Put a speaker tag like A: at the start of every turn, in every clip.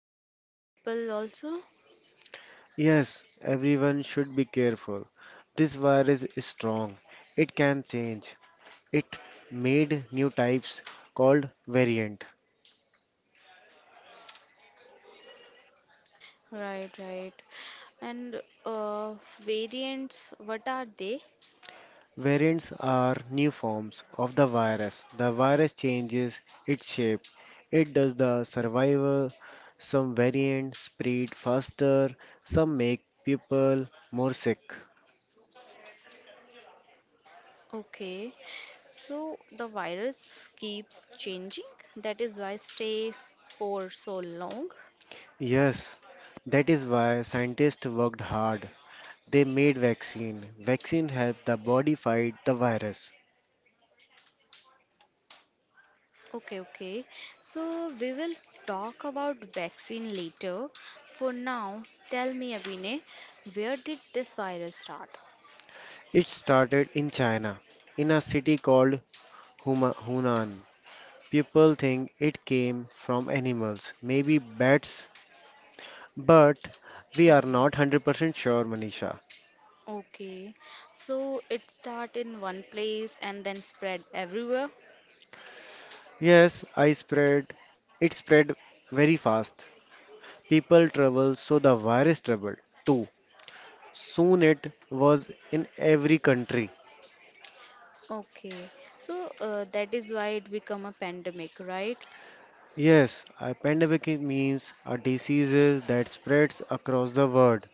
A: Even young people also?
B: Yes, everyone should be careful. This virus is strong. It can change. It made new types called variant.
A: Right, right. And variants, what are they?
B: Variants are new forms of the virus. The virus changes its shape. It does the survival. Some variants spread faster, some make people more sick.
A: Okay, so the virus keeps changing. That is why stay for so long.
B: Yes, that is why scientists worked hard. They made vaccine. Vaccine helped the body fight the virus.
A: Okay, okay. So we will talk about vaccine later. For now, tell me, Abhinay, where did this virus start?
B: It started in China, in a city called Hunan. People think it came from animals, maybe bats. But we are
A: Okay.
B: not 100% sure, Manisha.
A: Okay. So it start in one place and then spread everywhere.
B: Yes, I spread. It spread very fast. People traveled, so the virus traveled too. Soon it was in every country.
A: Okay. So that is why it become a pandemic, right?
B: Yes, a pandemic means a disease that spreads across the world.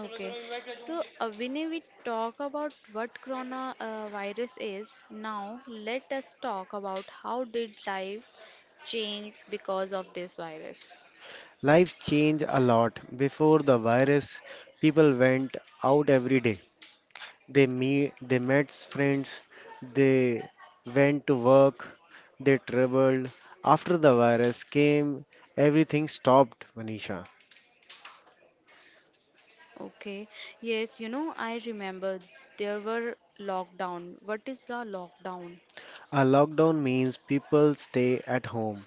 A: Okay. So when we talk about what corona virus is, now let us talk about how did life change because of this virus.
B: Life changed a lot. Before the virus, people went out every day. They met friends, they went to work, they traveled. After the virus came, everything stopped, Manisha.
A: Okay. Yes, I remember there were lockdown. What is the lockdown?
B: A lockdown means people stay at home.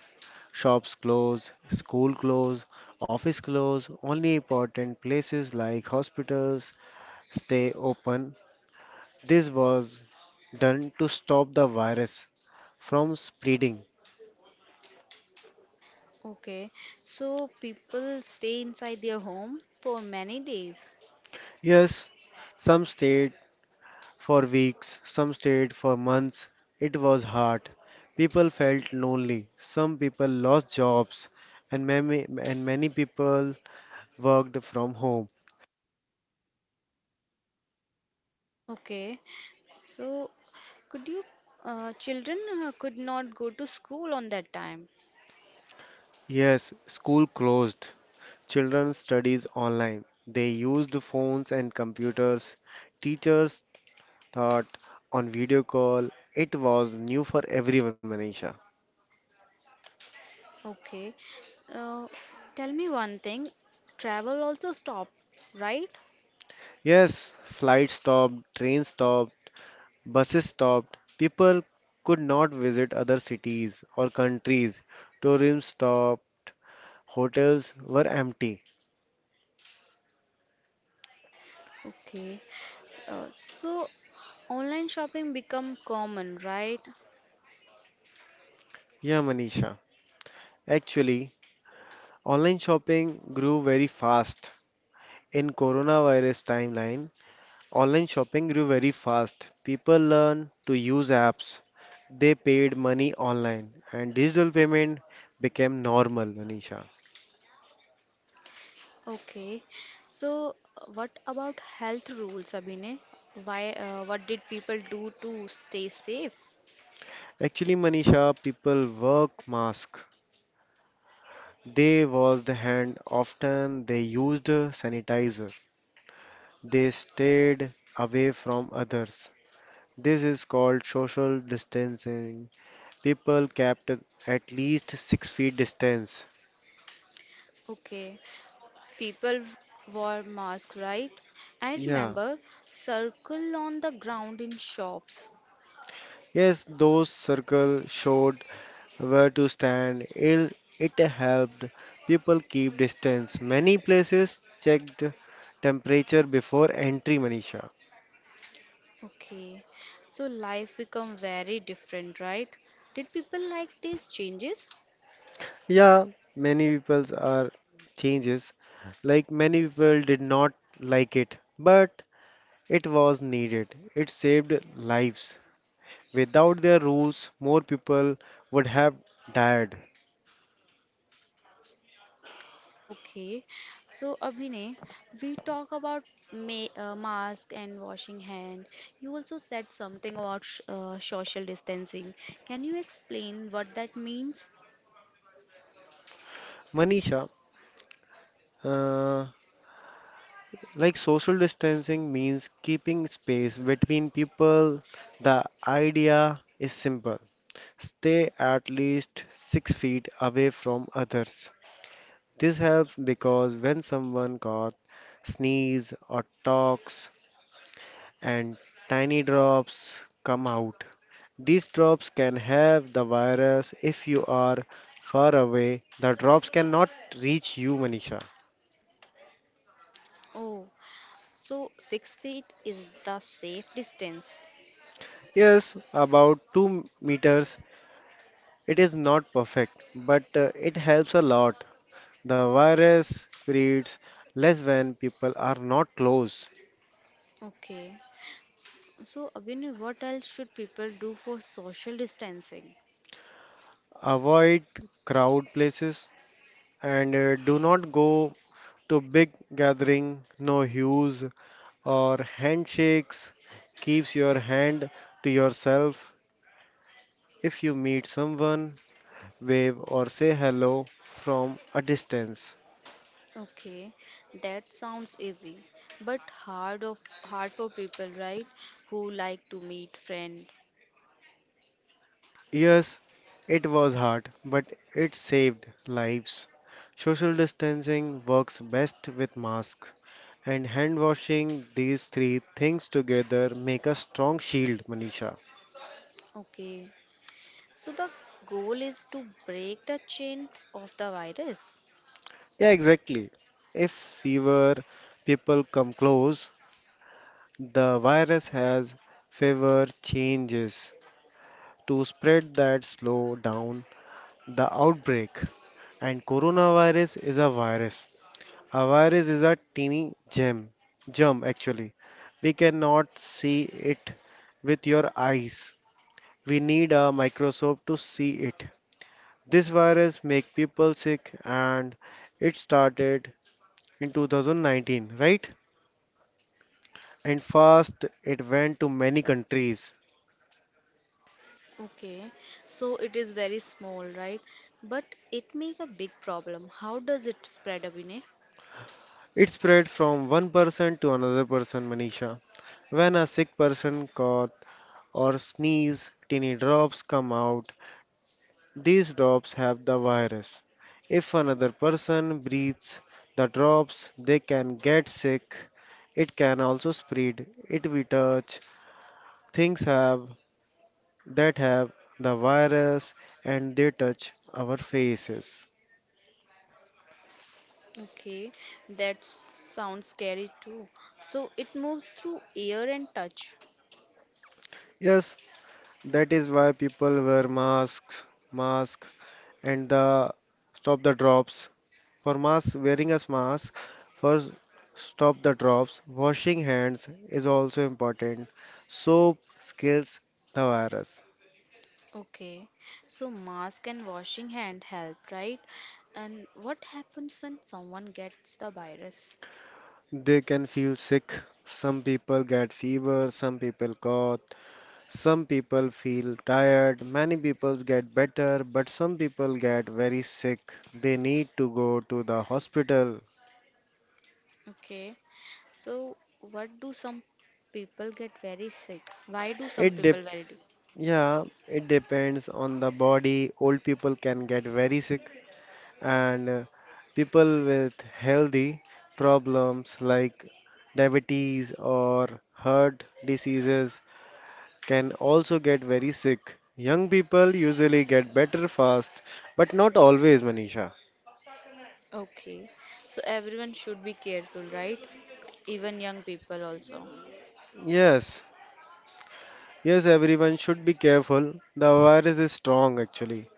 B: Shops close, school close, office close, only important places like hospitals stay open. This was done to stop the virus from spreading.
A: Okay, so people stay inside their home for many days.
B: Yes, some states for weeks, some stayed for months. It was hard. People felt lonely. Some people lost jobs, and many people worked from home.
A: Okay, so could you, children could not go to school on that time.
B: Yes, school closed. Children studies online. They used phones and computers. Teachers taught on video call. It was new for everyone, Manisha.
A: Okay, uh, tell me one thing, travel also stopped, right?
B: Yes, flights stopped, trains stopped. Buses stopped. People could not visit other cities or countries. Tourism stopped. Hotels were empty.
A: Okay, uh, so online shopping become common, right?
B: Yeah, Manisha. Actually, online shopping grew very fast. In coronavirus timeline, online shopping grew very fast. People learned to use apps. They paid money online, and digital payment became normal, Manisha.
A: Okay, so what about health rules, Abhinay? What did people do to stay safe?
B: Actually, Manisha, people work mask. They washed the hand often, they used sanitizer, they stayed away from others. This is called social distancing. People kept at least 6 feet distance.
A: Okay, people wore masks, right? I
B: Yeah.
A: remember circle on the ground in shops.
B: Yes, those circles showed where to stand. It helped people keep distance. Many places checked temperature before entry, Manisha.
A: Okay, so life become very different, right? Did people like these changes?
B: Yeah, many people's are changes. Like many people did not like it, but it was needed. It saved lives. Without their rules, more people would have died.
A: Okay, so Abhinay, we talk about ma mask and washing hand. You also said something about sh social distancing. Can you explain what that means?
B: Manisha, uh, like social distancing means keeping space between people. The idea is simple. Stay at least 6 feet away from others. This helps because when someone coughs, sneezes, or talks, and tiny drops come out, these drops can have the virus. If you are far away, the drops cannot reach you, Manisha.
A: Oh, so six feet is the safe distance.
B: Yes, about 2 meters. It is not perfect, but it helps a lot. The virus spreads less when people are not close.
A: Okay. So, Abhinay, what else should people do for social distancing?
B: Avoid crowd places and do not go to big gathering, no hues or handshakes. Keeps your hand to yourself. If you meet someone, wave or say hello from a distance.
A: Okay, that sounds easy, but hard for people, right? Who like to meet friend.
B: Yes, it was hard, but it saved lives. Social distancing works best with masks and hand washing. These three things together make a strong shield, Manisha.
A: Okay. So the goal is to break the chain of the virus.
B: Yeah, exactly. If fewer people come close, the virus has favored changes to spread that slow down the outbreak. And coronavirus is a virus. A virus is a teeny germ actually. We cannot see it with your eyes. We need a microscope to see it. This virus make people sick, and it started in 2019, right? And fast it went to many countries.
A: Okay. So it is very small, right? But it make a big problem. How does it spread, Abhinay?
B: It spread from one person to another person, Manisha. When a sick person cough or sneeze, tiny drops come out. These drops have the virus. If another person breathes the drops, they can get sick. It can also spread. It we touch things have that have the virus, and they touch our faces.
A: Okay, that s- sounds scary too. So it moves through air and touch.
B: Yes, that is why people wear masks, mask and the stop the drops. For mask, wearing a mask for stop the drops, washing hands is also important. Soap kills the virus.
A: Okay, so mask and washing hand help, right? And what happens when someone gets the virus?
B: They can feel sick. Some people get fever, some people cough, some people feel tired, many people get better, but some people get very sick. They need to go to the hospital.
A: Okay, so what do some people get very sick? Why do some
B: It dep
A: people very d-
B: Yeah, it depends on the body. Old people can get very sick, and people with healthy problems like diabetes or heart diseases can also get very sick. Young people usually get better fast, but not always, Manisha.
A: Okay, so everyone should be careful, right? Even young people also.
B: Yes, yes, everyone should be careful. The virus is strong actually.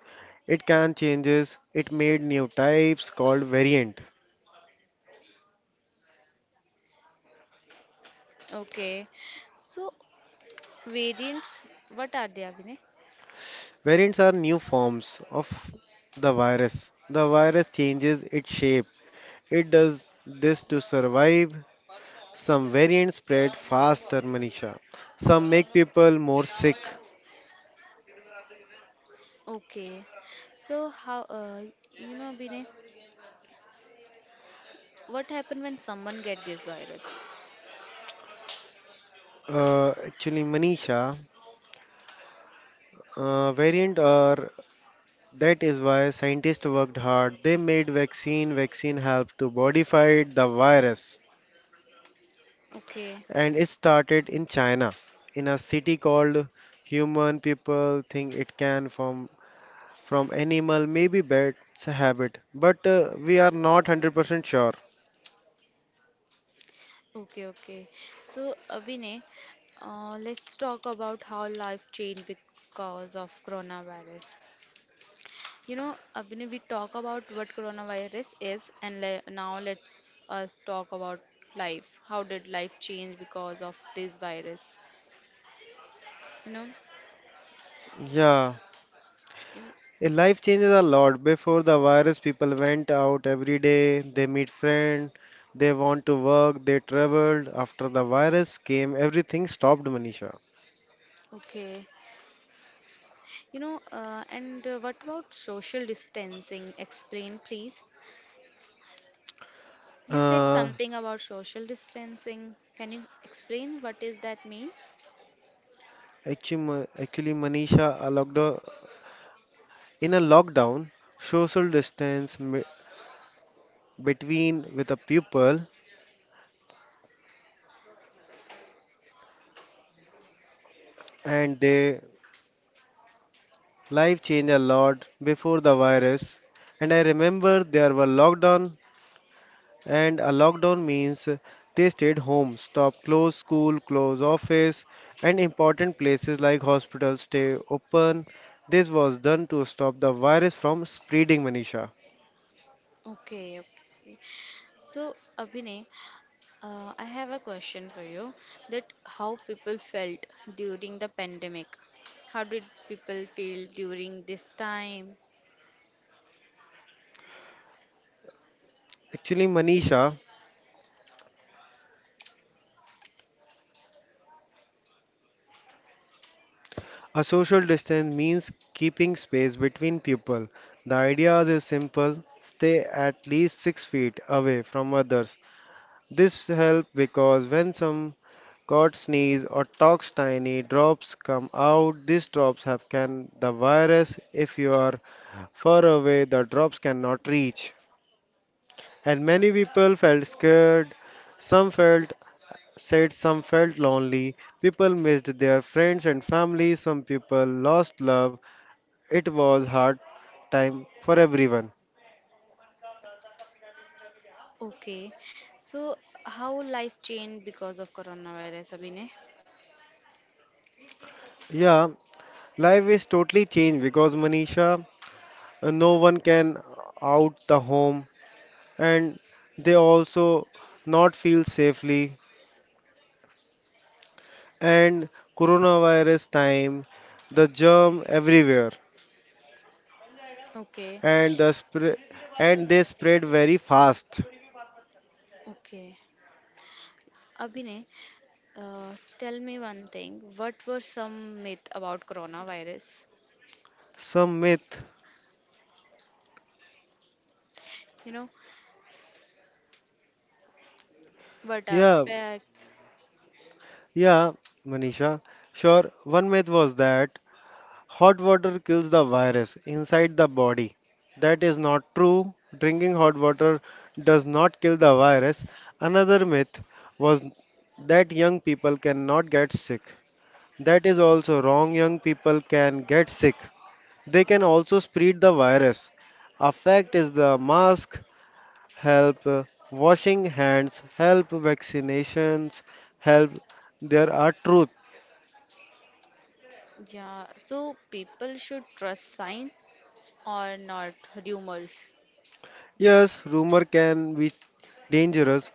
B: It can changes. It made new types called variant.
A: Okay, so variants, what are they, Abhinay?
B: Variants are new forms of the virus. The virus changes its shape. It does this to survive. Some variants spread faster, Manisha. Some make people more sick.
A: Okay. So how Binay, what happened when someone get this virus?
B: Actually, Manisha, variant are that is why scientists worked hard. They made vaccine. Vaccine helped to modify the virus,
A: Okay.
B: and it started in China, in a city called Human. People think it can from animal, maybe bats habit, but we are not 100% sure.
A: Okay, okay. So let's talk about how life changed because of coronavirus. Abhinay, we talk about what coronavirus is, and le now let's us talk about life. How did life change because of this virus? You know?
B: Yeah,
A: Mm.
B: Life changes a lot. Before the virus, people went out every day, they meet friends, they want to work, they traveled. After the virus came, everything stopped, Manisha.
A: Okay. You know, and what about social distancing? Explain, please. You said
B: Uh,
A: something about social distancing. Can you explain what is that mean?
B: actually, Manisha, in a lockdown, social distance me- between with the people and their life changed a lot before the virus. And I remember there were lockdown. And a lockdown means they stayed home, stopped close school, close office, and important places like hospitals stay open. This was done to stop the virus from spreading, Manisha.
A: Okay, okay. So, Abhinay, I have a question for you that how people felt during the pandemic. How did people feel during this time?
B: Actually, Manisha, a social distance means keeping space between people. The idea is simple: stay at least 6 feet away from others. This helps because when some cat sneeze or talks, tiny drops come out. These drops have can the virus if you are far away the drops cannot reach. And many people felt scared, some felt said some felt lonely, people missed their friends and family, some people lost love. It was hard time for everyone.
A: Okay. So, how life changed because of coronavirus, Abhinay?
B: Yeah, life is totally changed because Manisha no one can out the home, and they also not feel safely, and coronavirus time the germ everywhere,
A: Okay,
B: and the spread, and they spread very fast.
A: okay. Abhinay, tell me one thing. What were some myth about coronavirus?
B: Some myth.
A: You know, what are
B: Yeah,
A: facts?
B: yeah, Manisha. Sure, one myth was that hot water kills the virus inside the body. That is not true. Drinking hot water does not kill the virus. Another myth was that young people cannot get sick. That is also wrong. Young people can get sick. They can also spread the virus. A fact is the mask help washing hands, help vaccinations, help. There are truth.
A: Yeah, so people should trust science or not rumors.
B: Yes, rumor can be dangerous.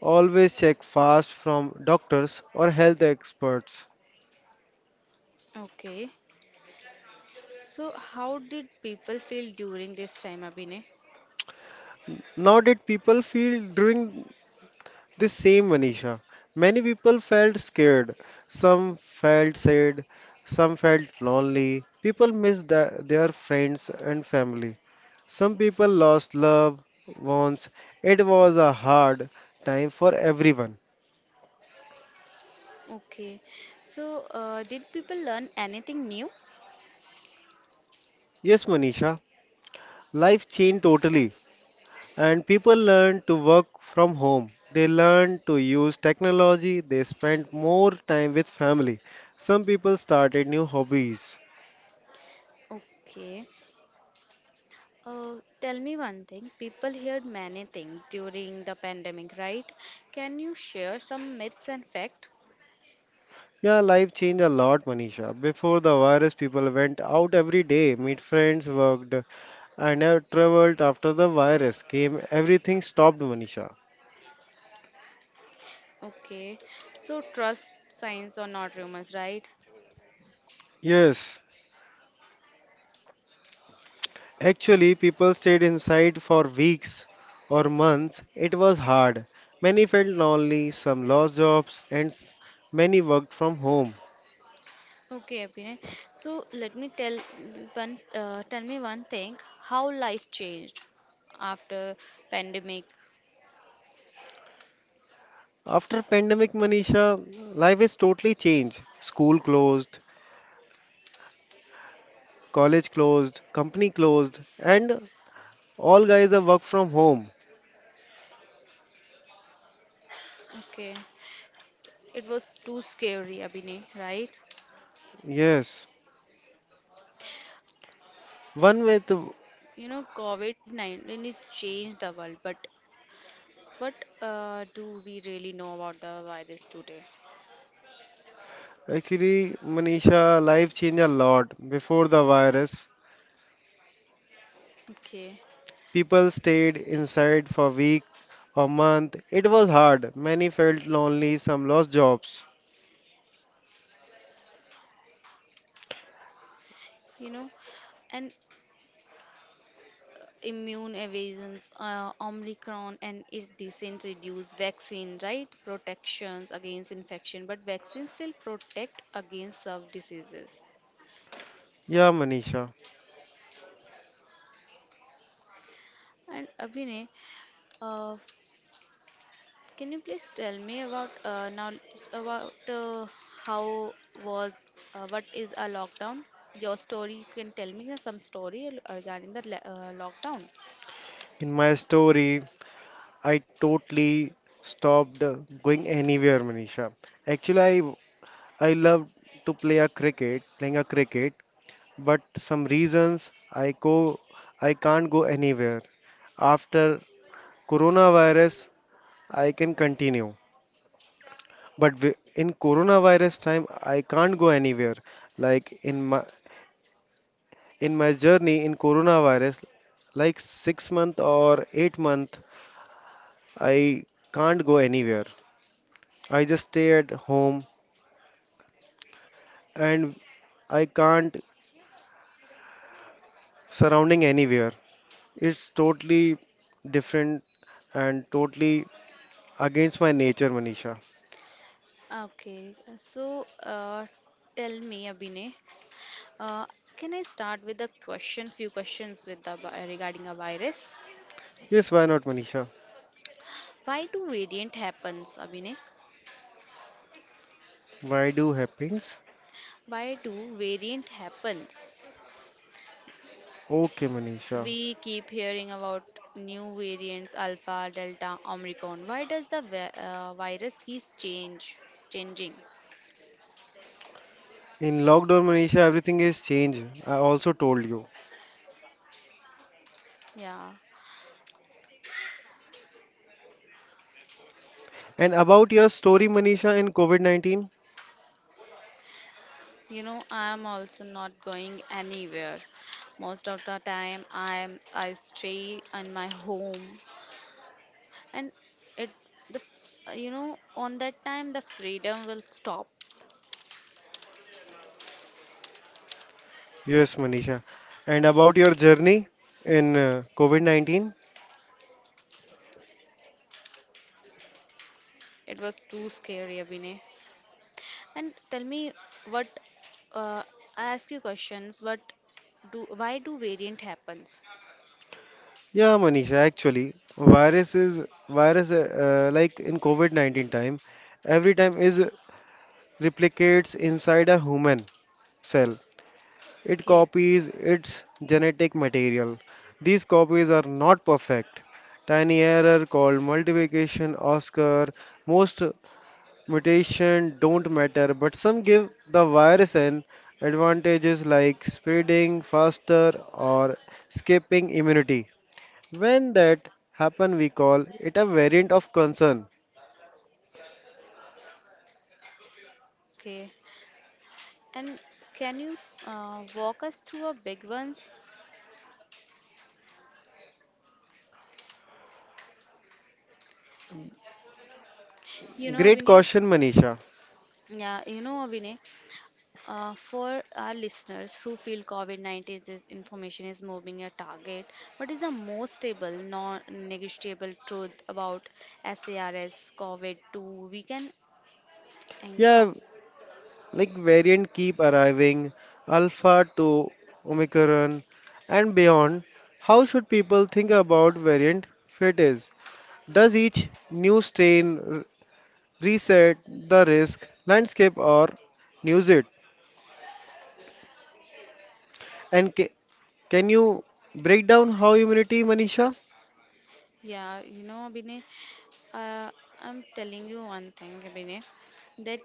B: Always check fast from doctors or health experts.
A: Okay. So how did people feel during this time, Abhinay?
B: Now did people feel during the same, Manisha? Many people felt scared, some felt sad, some felt lonely. People missed their friends and family. Some people lost loved ones. It was a hard time for everyone.
A: Okay. So did people learn anything new?
B: Yes, Manisha, life changed totally. And people learn to work from home. They learn to use technology. They spend more time with family. Some people started new hobbies.
A: Okay. Tell me one thing. People heard many things during the pandemic, right? Can you share some myths and facts?
B: Yeah, life changed a lot, Manisha. Before the virus, people went out every day, meet friends, worked, and traveled. After the virus came, everything stopped, Manisha.
A: Okay, so trust science or not rumors, right?
B: Yes, actually, people stayed inside for weeks or months. It was hard. Many felt lonely, some lost jobs, and many worked from home.
A: Okay, Abhinay. So let me tell one, tell me one thing. How life changed after pandemic?
B: After pandemic, Manisha, life is totally changed. School closed, college closed, company closed, and all guys are work from home.
A: Okay, it was too scary, Abhinay, right?
B: Yes. One way to
A: COVID-19 it changed the world, but what do we really know about the virus today?
B: actually, Manisha, life changed a lot before the virus.
A: Okay,
B: People stayed inside for week or month. It was hard. Many felt lonely, some lost jobs.
A: you know, and immune evasions, Omicron and its descent reduce vaccine, right? Protections against infection, but vaccines still protect against some diseases.
B: Yeah, Manisha.
A: And Abhinay, uh, can you please tell me about how was what is a lockdown? Your story, you can tell me some story regarding the lockdown.
B: In my story, I totally stopped going anywhere, Manisha. Actually, I love to play a cricket, playing a cricket, but some reasons I can't go anywhere. After coronavirus, I can continue. But in coronavirus time, I can't go anywhere. Like in my In my journey in coronavirus, like 6 month or 8 month, I can't go anywhere. I just stay at home, and I can't surrounding anywhere. It's totally different and totally against my nature, Manisha.
A: Okay, so tell me, Abhinay. Uh, can I start with a question, few questions with regarding a virus?
B: Yes, why not, Manisha?
A: Why do variant happens, Abhinay?
B: Why do happens?
A: Why do variant happens?
B: Okay, Manisha.
A: We keep hearing about new variants, alpha, delta, omicron. Why does virus keep changing?
B: In lockdown, Manisha, everything is changed. I also told you.
A: Yeah,
B: And about your story, Manisha, in COVID-19.
A: I am also not going anywhere. Most of the time, I stay in my home and it the on that time the freedom will stop.
B: Yes, Manisha. And about your journey in COVID-19?
A: It was too scary, Abhinay. And tell me what uh, I ask you questions. What do why do variant happens?
B: Yeah, Manisha, actually, virus is virus like in COVID-19 time, every time is replicates inside a human cell. It
A: Okay.
B: copies its genetic material. These copies are not perfect. Tiny error called multiplication occur. Most mutation don't matter, but some give the virus an advantages like spreading faster or escaping immunity. When that happen, we call it a variant of concern.
A: Okay, and can you walk us through a big ones,
B: Great
A: Abhinay.
B: caution, Manisha.
A: Yeah, Abhinay. For our listeners who feel information is moving a target, what is the most stable, non negotiable truth about SARS COVID 2 we can anchor on?
B: Yeah, like variant keep arriving, alpha to omicron and beyond. How should people think about variant fit is? Does each new strain reset the risk landscape or news it? And can you break down how immunity, Manisha?
A: Yeah, Abhinay, uh, I'm telling you one thing, Abhinay, that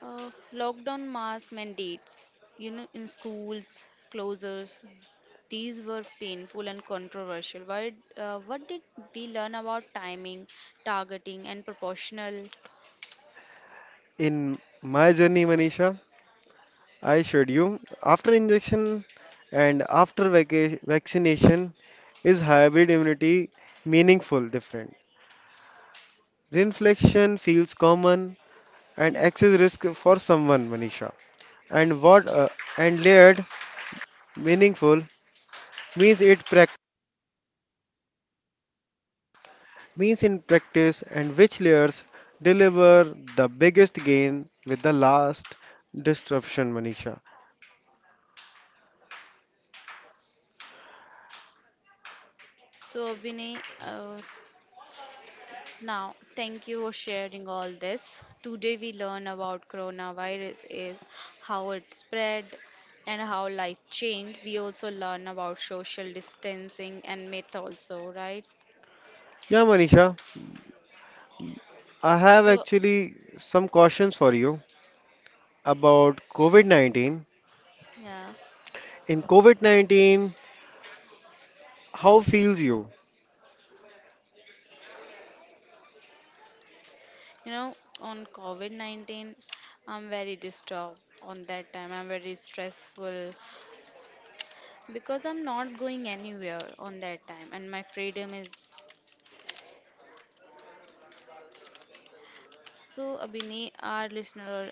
A: lockdown mask mandates, in schools, closures. These were painful and controversial. What did we learn about timing, targeting, and proportional?
B: In my journey, Manisha, I showed you after injection and after vaccination is hybrid immunity meaningful different. Reinfection feels common and excess risk for someone, Manisha. And what and layered meaningful means it means in practice, and which layers deliver the biggest gain with the last disruption, Manisha.
A: So, Abhinay, now thank you for sharing all this. Today we learn about coronavirus is how it spread and how life changed. We also learn about social distancing and myth also, right?
B: Yeah, Manisha,
A: So,
B: I have
A: so,
B: actually some questions for you about COVID 19.
A: yeah.
B: In COVID 19, how feels you?
A: On COVID 19, I'm very disturbed on that time. I'm very stressful because I'm not going anywhere on that time, and my freedom is so. Abhini, our listener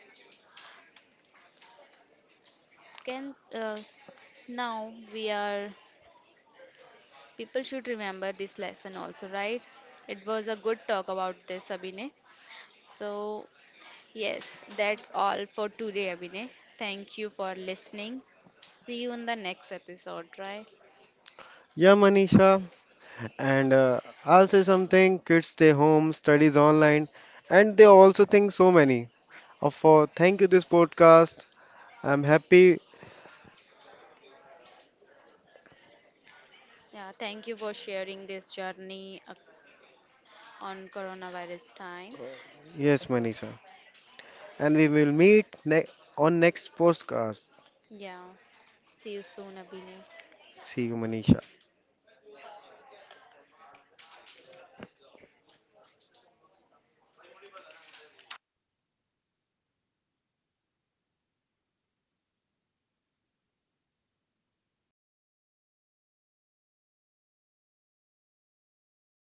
A: can now we are people should remember this lesson also, right? It was a good talk about this, Abhine. So, yes, that's all for today, Abhine. Thank you for listening. See you in the next episode, right?
B: Yeah, Manisha, and I'll say something, kids stay home, studies online, and they also think so many. For thank you, this podcast. I'm happy.
A: Yeah, thank you for sharing this journey on coronavirus time.
B: Yes,
A: So,
B: Manisha, and we will meet on next podcast.
A: yeah, see you soon, Abhinay.
B: See you, Manisha.